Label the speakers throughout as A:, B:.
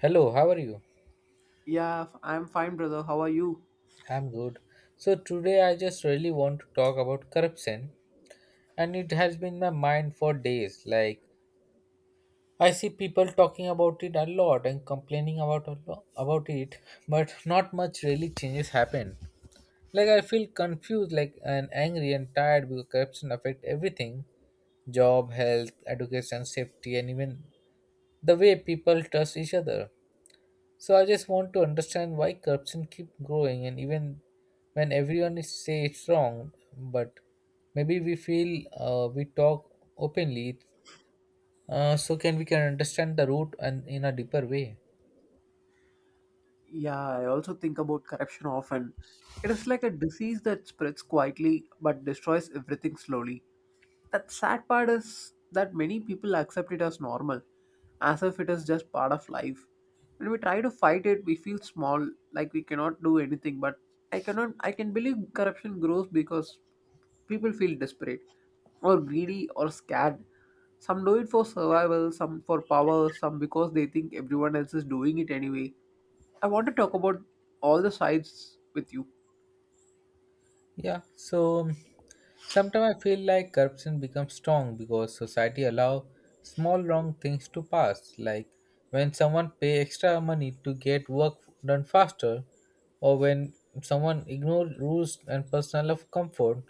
A: Hello, how are you?
B: Yeah, I'm fine, brother. How are you?
A: I'm good. So today I just really want to talk about corruption, and it has been in my mind for days. Like, I see people talking about it a lot and complaining about about it, but not much really changes happen. Like, I feel confused like and angry and tired because corruption affect everything. Job, health, education, safety, and even the way people trust each other. So I just want to understand why corruption keep growing and even when everyone is say it's wrong, but maybe we feel, we talk openly, so can we can understand the root and in a deeper way.
B: Yeah, I also think about corruption often. It is like a disease that spreads quietly but destroys everything slowly. That sad part is that many people accept it as normal, as if it is just part of life. When we try to fight it, we feel small, like we cannot do anything. But I cannot, I can believe corruption grows because people feel desperate, or greedy, or scared. Some do it for survival, some for power, some because they think everyone else is doing it anyway. I want to talk about all the sides with you.
A: Yeah, so sometimes I feel like corruption becomes strong because society allow small wrong things to pass, like when someone pay extra money to get work done faster, or when someone ignore rules and personal of comfort.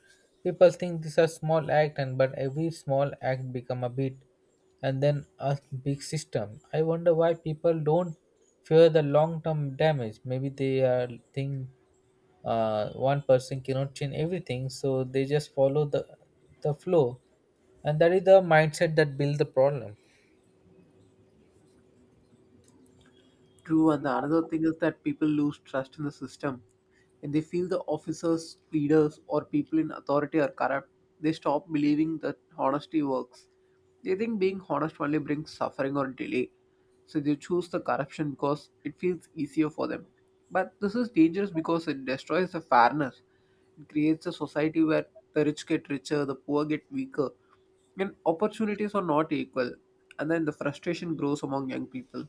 A: People think these are small act, and but every small act become a bit, and then a big system. I wonder why people don't fear the long term damage. Maybe they are think, one person cannot change everything, so they just follow the flow, and that is the mindset that build the problem.
B: True, and the another thing is that people lose trust in the system. When they feel the officers, leaders, or people in authority are corrupt, they stop believing that honesty works. They think being honest only brings suffering or delay, so they choose the corruption because it feels easier for them. But this is dangerous because it destroys the fairness. It creates a society where the rich get richer, the poor get weaker, and opportunities are not equal. And then the frustration grows among young people.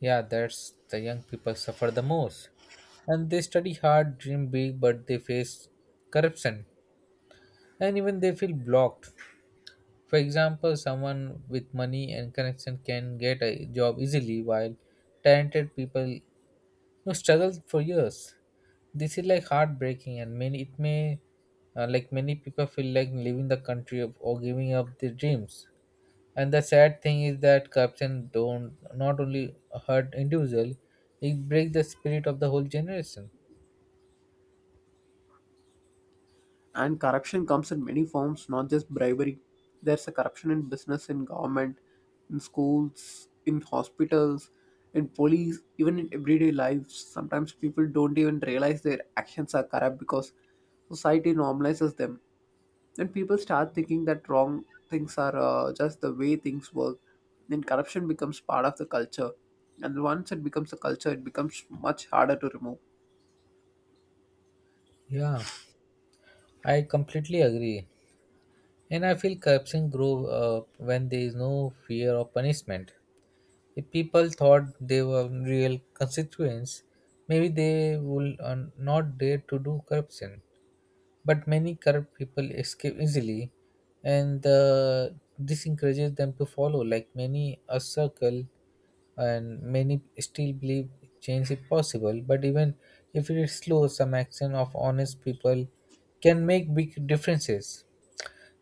A: Yeah, that's the young people suffer the most, and they study hard, dream big, but they face corruption and even they feel blocked. For example, someone with money and connection can get a job easily while talented people, you know, struggle for years. This is like heartbreaking, and many it may, like many people feel like leaving the country or giving up their dreams. And the sad thing is that corruption don't not only hurt individual, it breaks the spirit of the whole generation.
B: And corruption comes in many forms, not just bribery. There's a corruption in business, in government, in schools, in hospitals, in police, even in everyday lives. Sometimes people don't even realize their actions are corrupt because society normalizes them. Then people start thinking that wrong things are just the way things work. Then corruption becomes part of the culture. And once it becomes a culture, it becomes much harder to remove.
A: Yeah, I completely agree, and I feel corruption grow up when there is no fear of punishment. If people thought they were real constituents, maybe they would, not dare to do corruption, but many corrupt people escape easily, and this encourages them to follow like many a circle. And many still believe change is possible, but even if it is slow, some action of honest people can make big differences.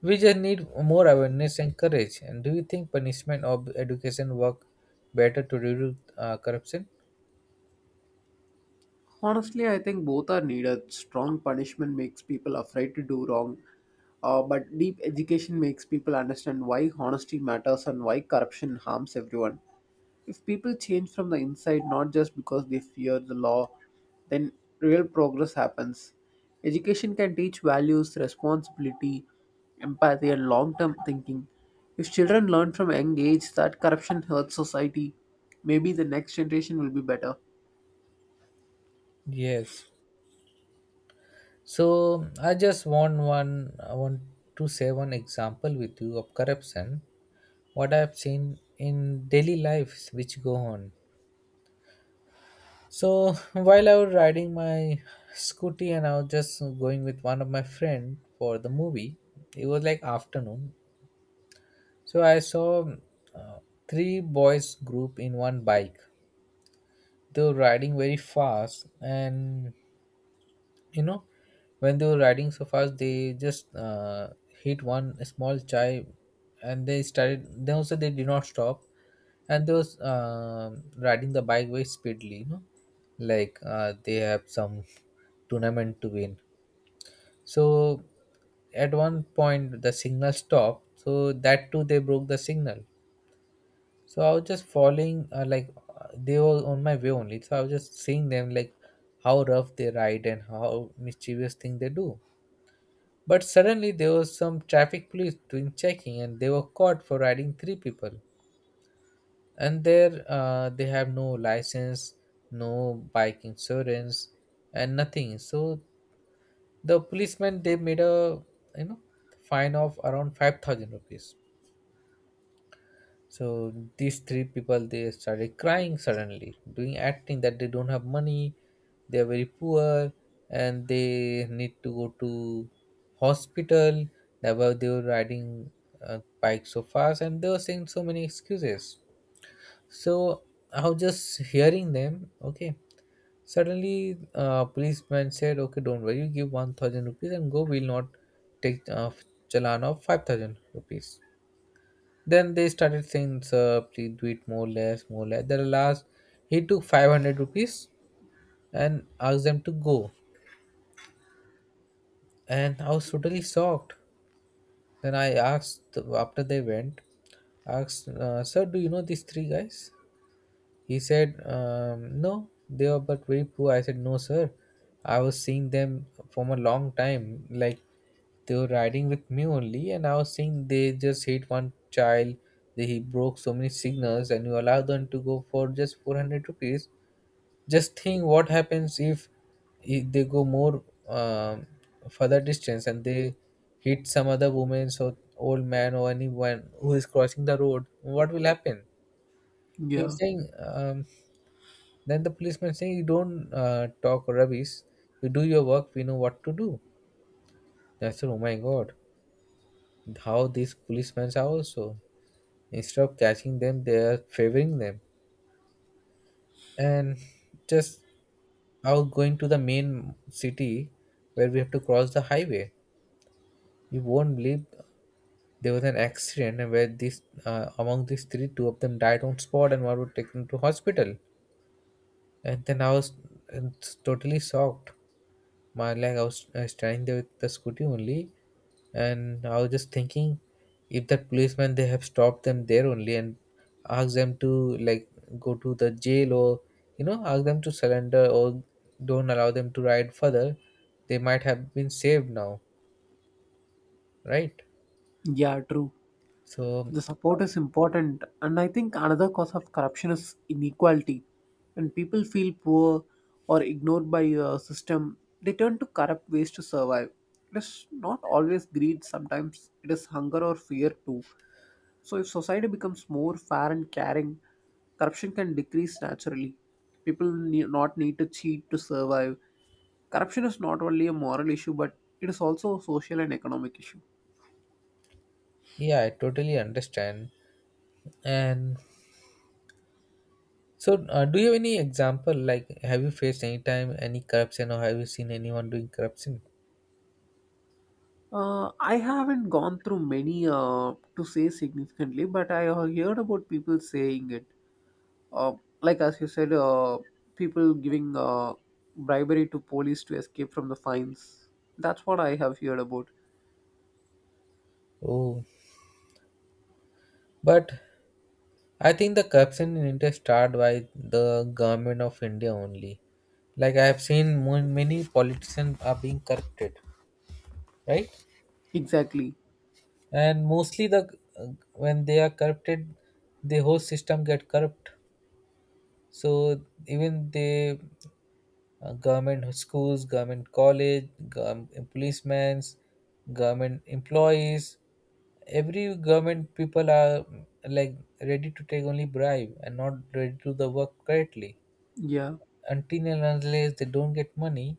A: We just need more awareness and courage. And do you think punishment or education work better to reduce corruption?
B: Honestly, I think both are needed. Strong punishment makes people afraid to do wrong, but deep education makes people understand why honesty matters and why corruption harms everyone. If people change from the inside, not just because they fear the law, then real progress happens. Education can teach values, responsibility, empathy, and long term thinking. If children learn from a young age that corruption hurts society, maybe the next generation will be better.
A: Yes. So I just want one. I want to share one example with you of corruption, what I've seen in daily lives which go on. So while I was riding my scooty and I was just going with one of my friend for the movie, it was like afternoon. So I saw, uh, three boys group in one bike. They were riding very fast, and you know, when they were riding so fast, they just hit one small chai, and they started, then also they did not stop, and they was riding the bike very speedily, you know, like, they have some tournament to win. So at one point the signal stopped, so that too they broke the signal. So I was just following, they were on my way only, so I was just seeing them like how rough they ride and how mischievous thing they do. But suddenly there was some traffic police doing checking, and they were caught for riding three people. And there, they have no license, no bike insurance, and nothing. So the policemen, they made a, you know, fine of around 5000 rupees. So these three people, they started crying suddenly, doing acting that they don't have money, they are very poor, and they need to go to hospital. That were they were riding bike so fast, and they were saying so many excuses. So I was just hearing them, okay. Suddenly, policeman said, okay, don't worry, you give 1000 rupees and go, we'll not take challan of 5000 rupees. Then they started saying, sir, please do it more less, more less. Then at last he took 500 rupees and asked them to go, and I was totally shocked. Then I asked, after they went, asked, sir, do you know these three guys? He said, no, they are but very poor. I said, no, sir, I was seeing them from a long time. Like, they were riding with me only, and I was seeing they just hit one child. They, he broke so many signals, and you allow them to go for just 400 rupees. Just think what happens if they go more, um, further distance and they hit some other woman or old man or anyone who is crossing the road. What will happen?
B: Yeah,
A: He's saying. Then the policeman saying, "You don't, talk rubbish. You do your work. We know what to do." I said, "Oh my God! How these policemen are also, instead of catching them, they are favoring them." And just out going to the main city where we have to cross the highway. You won't believe, there was an accident, and where these, among these three, two of them died on spot and one was taken to hospital. And then I was, uh, totally shocked. My leg, I was trying the scooty only, and I was just thinking, if that policeman they have stopped them there only and asked them to, like, go to the jail or, you know, ask them to surrender or don't allow them to ride further, they might have been saved now, right?
B: yeah, true.
A: So
B: The support is important, and I think another cause of corruption is inequality. When people feel poor or ignored by a system, they turn to corrupt ways to survive. It is not always greed, sometimes it is hunger or fear too. So if society becomes more fair and caring, corruption can decrease naturally. People not need to cheat to survive. Corruption is not only a moral issue, but it is also a social and economic issue.
A: yeah, I totally understand. And so, do you have any example, like, have you faced any time any corruption or have you seen anyone doing corruption?
B: I haven't gone through many to say significantly, but I have heard about people saying it. Uh, like as you said, people giving bribery to police to escape from the fines. That's what I have heard about.
A: Oh, but I think the corruption in India started by the government of India only. Like, I have seen, many politicians are being corrupted, right?
B: Exactly.
A: And mostly the when they are corrupted, the whole system get corrupt. So even the, government schools, government college, government policemen, government employees, every government people are, like, ready to take only bribe and not ready to do the work correctly
B: Yeah,
A: until and unless they don't get money,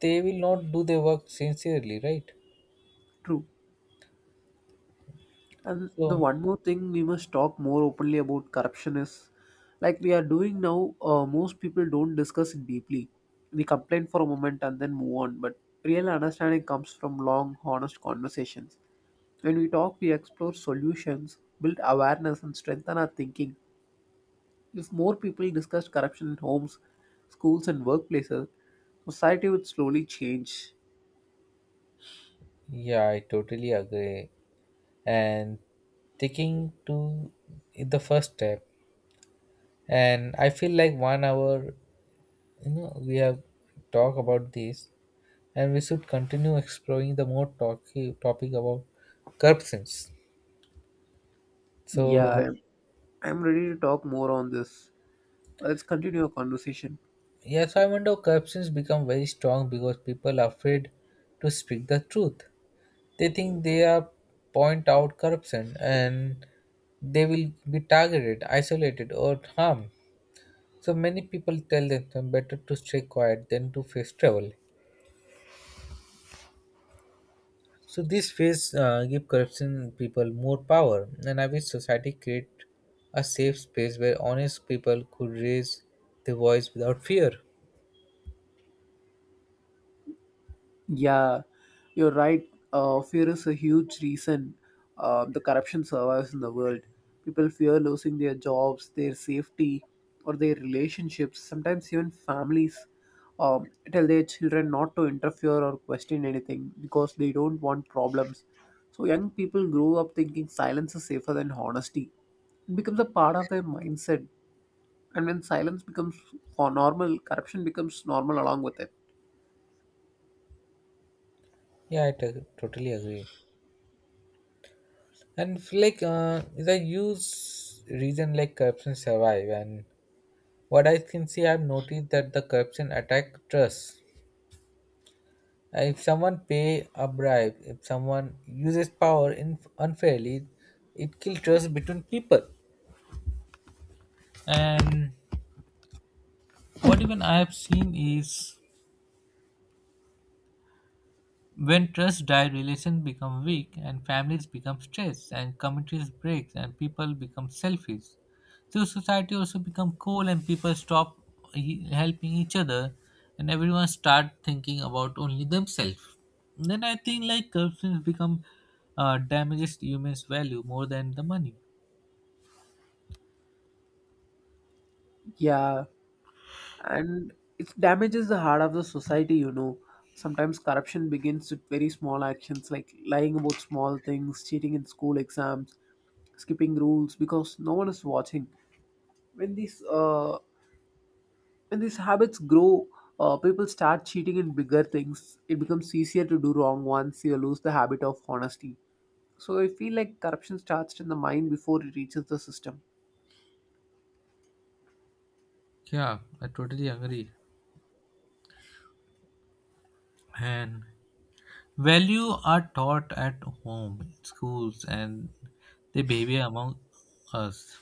A: they will not do their work sincerely, right?
B: true. And the
A: So,
B: one more thing we must talk more openly about corruption is, like we are doing now. Most people don't discuss it deeply. We complain for a moment and then move on. But real understanding comes from long, honest conversations. When we talk, we explore solutions, build awareness, and strengthen our thinking. If more people discussed corruption in homes, schools, and workplaces, society would slowly change.
A: yeah, I totally agree. And taking to the first step, and I feel like one hour, you know, we have talked about this, and we should continue exploring the more topic about corruptions.
B: Yeah,
A: So,
B: I'm ready to talk more on this. Let's continue our conversation.
A: yes, I wonder corruptions become very strong because people are afraid to speak the truth. They think they are point out corruption and they will be targeted, isolated, or harmed. So many people tell themselves better to stay quiet than to face trouble. So this phase, give corruption people more power, and I wish society create a safe space where honest people could raise their voice without fear.
B: Yeah, you're right. Fear is a huge reason the corruption survives in the world. People fear losing their jobs, their safety, or their relationships. Sometimes even families tell their children not to interfere or question anything because they don't want problems. So young people grow up thinking silence is safer than honesty. It becomes a part of their mindset, and when silence becomes normal, corruption becomes normal along with it.
A: Yeah, I totally agree. And like, the use reason like corruption survive, and what I can see, I've noticed that the corruption attack trust. If someone pay a bribe, if someone uses power in unfairly, it kills trust between people. And what even I have seen is, when trust die, relations become weak, and families become stressed, and communities break, and people become selfish. So society also become cold, and people stop helping each other, and everyone start thinking about only themselves. Then I think like corruption become, damages humans' value more than the money.
B: Yeah. And it damages the heart of the society, you know. Sometimes corruption begins with very small actions, like lying about small things, cheating in school exams, skipping rules because no one is watching. When these habits grow, people start cheating in bigger things. It becomes easier to do wrong once you lose the habit of honesty. So I feel like corruption starts in the mind before it reaches the system.
A: Yeah, I totally agree. And value are taught at home, schools, and they behavior among us.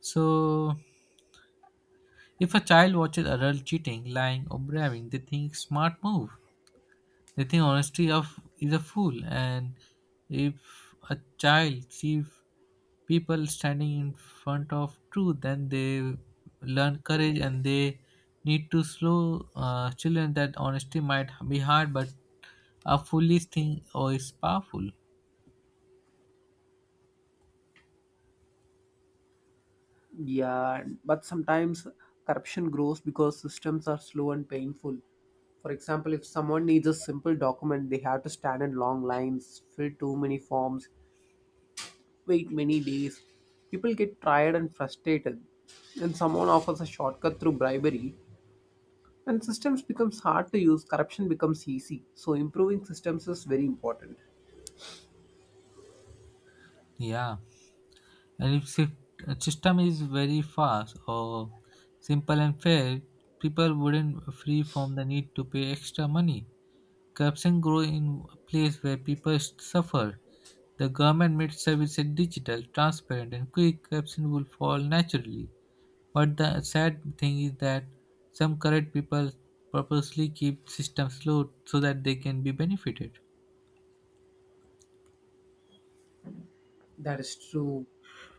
A: So, if a child watches adult cheating, lying, or bribing, they think smart move. They think honesty of is a fool. And if a child sees people standing in front of truth, then they learn courage and they need to slow, children that honesty might be hard, but a foolish thing or is powerful.
B: Yeah, but sometimes corruption grows because systems are slow and painful. For example, if someone needs a simple document, they have to stand in long lines, fill too many forms, wait many days. People get tired and frustrated. When someone offers a shortcut through bribery, when systems becomes hard to use, corruption becomes easy. So improving systems is very important.
A: Yeah. And if system is very fast or simple and fair, people wouldn't free from the need to pay extra money. Corruption grow in a place where people suffer. The government made services digital, transparent, and quick. Corruption will fall naturally. But the sad thing is that some corrupt people purposely keep systems slow so that they can be benefited.
B: That is true,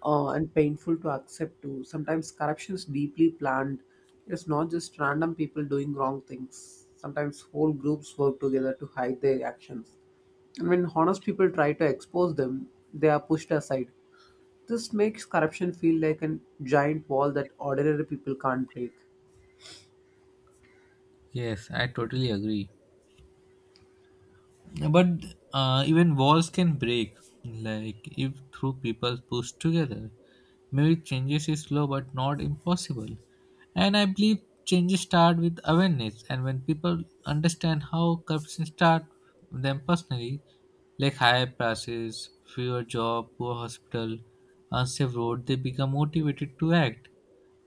B: and painful to accept too. Sometimes corruption is deeply planned. It is not just random people doing wrong things. Sometimes whole groups work together to hide their actions. And when honest people try to expose them, they are pushed aside. This makes corruption feel like a giant wall that ordinary people can't break.
A: Yes, I totally agree. But, even walls can break, like if through people push together, maybe changes is slow but not impossible. And I believe changes start with awareness, and when people understand how corruption start them personally, like higher prices, fewer job, poor hospital, unsafe road, they become motivated to act.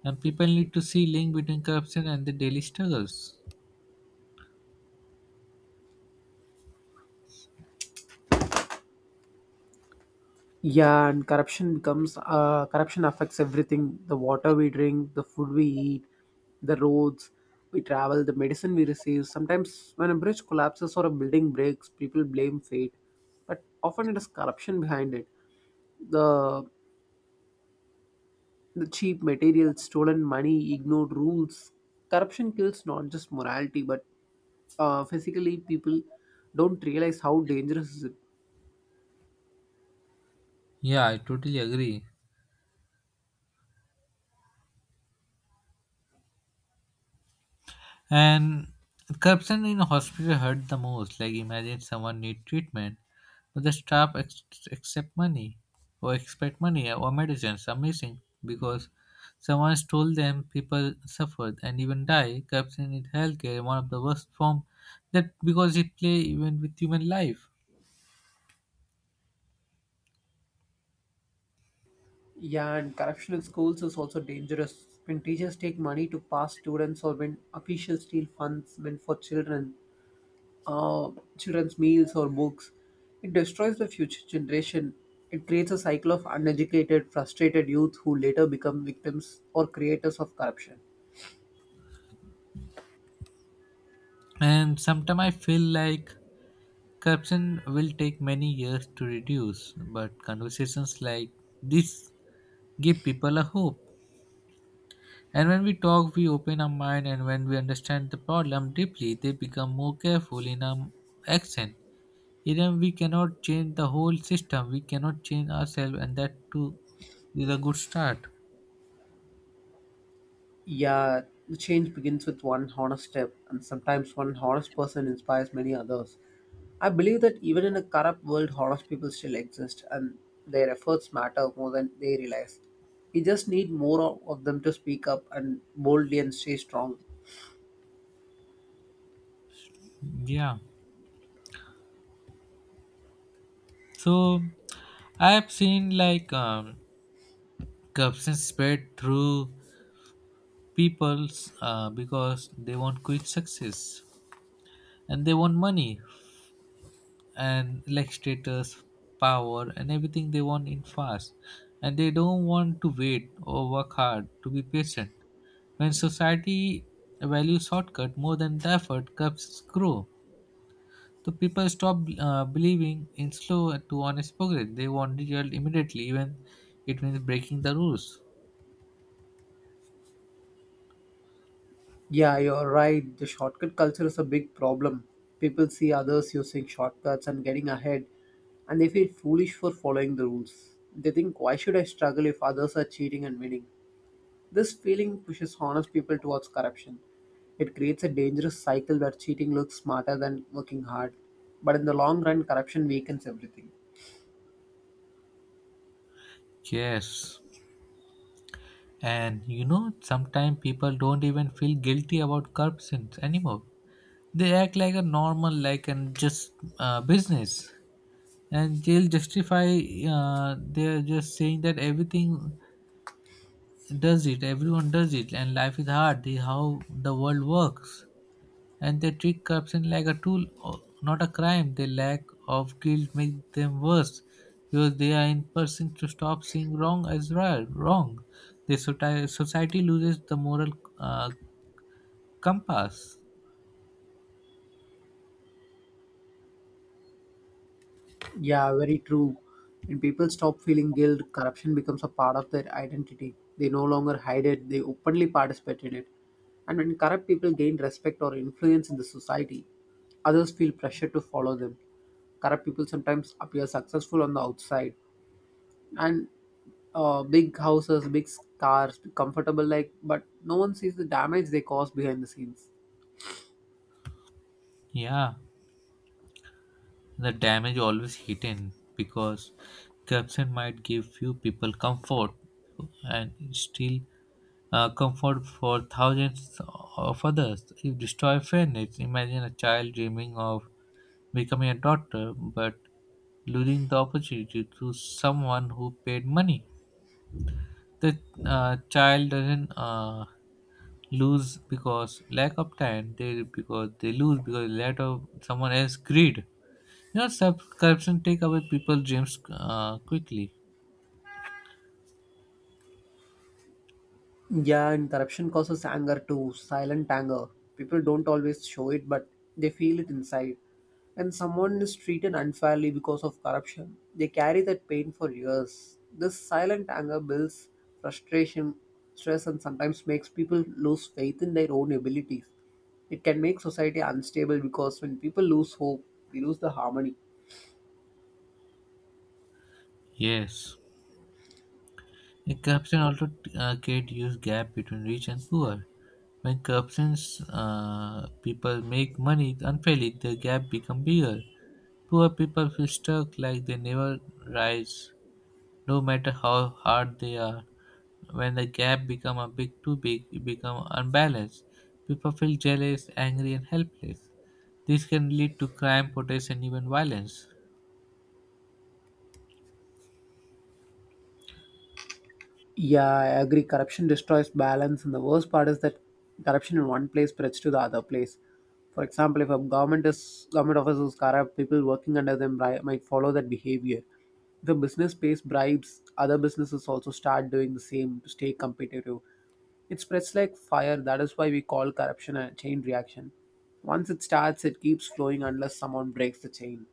A: And people need to see link between corruption and the daily struggles.
B: Yeah, and corruption becomes Corruption affects everything: the water we drink, the food we eat, the roads we travel, the medicine we receive. Sometimes, when a bridge collapses or a building breaks, people blame fate, but often it is corruption behind it. The the cheap materials, stolen money, ignored rules. Corruption kills not just morality, but physically. People don't realize how dangerous.
A: Yeah, I totally agree. And corruption in hospital hurt the most. Like, imagine someone need treatment, but the staff accept money or expect money or medicines. Amazing because someone stole them, people suffered and even die. Corruption in healthcare one of the worst form, that because it play even with human life.
B: Yeah, and corruption in schools is also dangerous. When teachers take money to pass students, or when officials steal funds meant for children, uh, children's meals or books, it destroys the future generation. It creates a cycle of uneducated, frustrated youth who later become victims or creators of corruption.
A: And sometimes I feel like corruption will take many years to reduce, but conversations like this give people a hope. And when we talk, we open our mind, and when we understand the problem deeply, they become more careful in our action. Even we cannot change the whole system, we cannot change ourselves, and that too is a good start.
B: Yeah, the change begins with one honest step, and sometimes one honest person inspires many others. I believe that even in a corrupt world, honest people still exist, and their efforts matter more than they realize. We just need more of them to speak up and boldly and stay strong.
A: Yeah. So I have seen like corruption spread through people's because they want quick success, and they want money and like status, power, and everything they want in fast. And they don't want to wait or work hard to be patient. When society values shortcut more than the effort, cups grow. So people stop believing in slow to honest progress. They want result immediately, even it means breaking the rules.
B: Yeah, you're right. The shortcut culture is a big problem. People see others using shortcuts and getting ahead, and they feel foolish for following the rules. They think, why should I struggle if others are cheating and winning? This feeling pushes honest people towards corruption. It creates a dangerous cycle where cheating looks smarter than working hard. But in the long run, corruption weakens everything.
A: Yes. And you know, sometimes people don't even feel guilty about corruption anymore. They act like a normal, like and just business. And they'll justify, they're just saying that everything does it, everyone does it, and life is hard, this is how the world works, and they treat corruption like a tool, not a crime. Their lack of guilt makes them worse because they are in person to stop seeing wrong as right, wrong. The society loses the moral uh, compass.
B: Yeah, very true. When people stop feeling guilt, corruption becomes a part of their identity. They no longer hide it, they openly participate in it. And when corrupt people gain respect or influence in the society, others feel pressure to follow them. Corrupt people sometimes appear successful on the outside, and big houses, big cars, comfortable like, but no one sees the damage they cause behind the scenes.
A: Yeah, the damage always hidden because caption might give few people comfort, and still comfort for thousands of others. If destroy fairness, imagine a child dreaming of becoming a doctor but losing the opportunity to someone who paid money. The child doesn't lose because lack of time. They because they lose because lack of someone else greed. You know, subscription take away people's dreams quickly.
B: Yeah, and corruption causes anger too, silent anger. People don't always show it, but they feel it inside. And someone is treated unfairly because of corruption. They carry that pain for years. This silent anger builds frustration, stress, and sometimes makes people lose faith in their own abilities. It can make society unstable because when people lose hope, we lose the harmony.
A: Yes. A corruption also create huge gap between rich and poor. When corruptions people make money unfairly, the gap become bigger. Poor people feel stuck like they never rise, no matter how hard they are. When the gap become a big too big, it become unbalanced. People feel jealous, angry, and helpless. This can lead to crime, protests, and even violence.
B: Yeah, I agree. Corruption destroys balance, and the worst part is that corruption in one place spreads to the other place. For example, if a government office is corrupt, people working under them might follow that behavior. If a business pays bribes, other businesses also start doing the same to stay competitive. It spreads like fire. That is why we call corruption a chain reaction. Once it starts, it keeps flowing unless someone breaks the chain.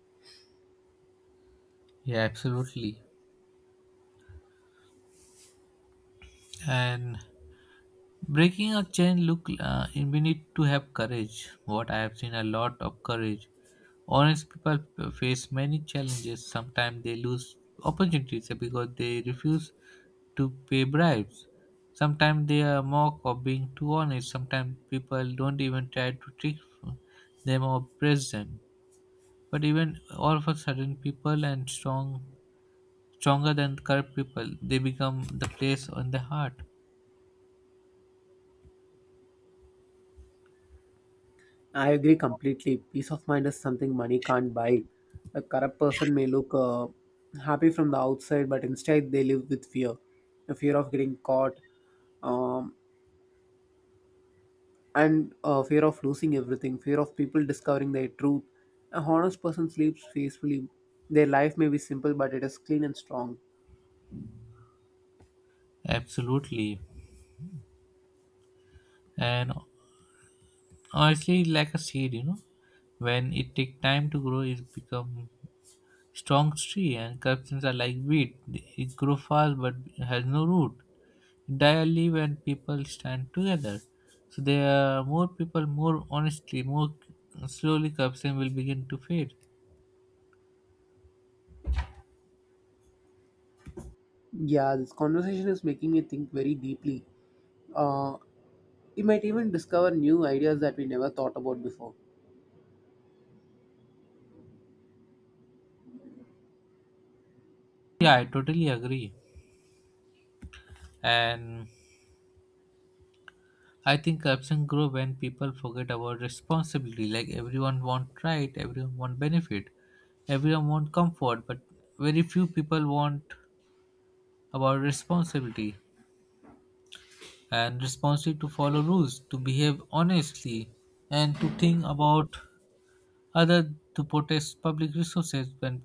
A: Yeah, absolutely. And breaking a chain look, we need to have courage. What I have seen a lot of courage. Honest people face many challenges. Sometimes they lose opportunities because they refuse to pay bribes. Sometimes they are mocked of being too honest. Sometimes people don't even try to trick them or press them. But even all of a sudden, people and strong, stronger than corrupt people, they become the place on the heart.
B: I agree completely. Peace of mind is something money can't buy. A corrupt person may look happy from the outside, but inside they live with fear, a fear of getting caught, um, and fear of losing everything, fear of people discovering their truth. A honest person sleeps peacefully. Their life may be simple, but it is clean and strong.
A: Absolutely. And honestly, like a seed, you know, when it take time to grow, it become strong tree. And curtains are like wheat; it grow fast but has no root. It die only when people stand together. So there are more people, more honestly, more slowly corruption will begin to fade.
B: Yeah, this conversation is making me think very deeply. Uh, we might even discover new ideas that we never thought about before.
A: Yeah, I totally agree. And I think corruption grow when people forget about responsibility. Like everyone want right, everyone want benefit, everyone want comfort, but very few people want about responsibility, and responsibility to follow rules, to behave honestly, and to think about other to protect public resources. When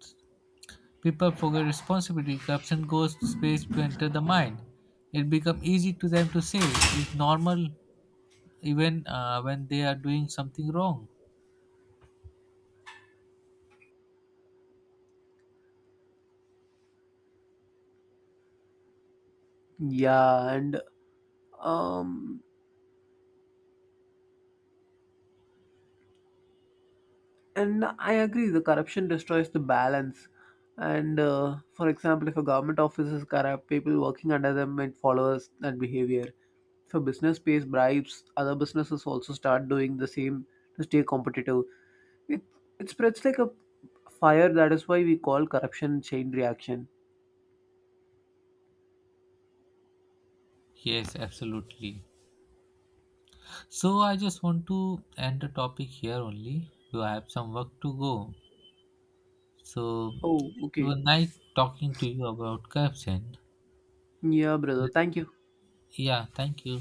A: people forget responsibility, corruption goes space to enter the mind. It becomes easy to them to say it's normal even when they are doing something wrong.
B: Yeah, and um, I agree, the corruption destroys the balance. And for example, if a government office is corrupt, people working under them might that behavior. If a business pays bribes, other businesses also start doing the same to stay competitive. It, it spreads like a fire. That is why we call corruption chain reaction.
A: Yes, absolutely. So I just want to end the topic here only. Do I have some work to go? So
B: Oh,
A: it
B: okay.
A: was nice talking to you about caps. And
B: Yeah, brother, thank you.
A: yeah, thank you.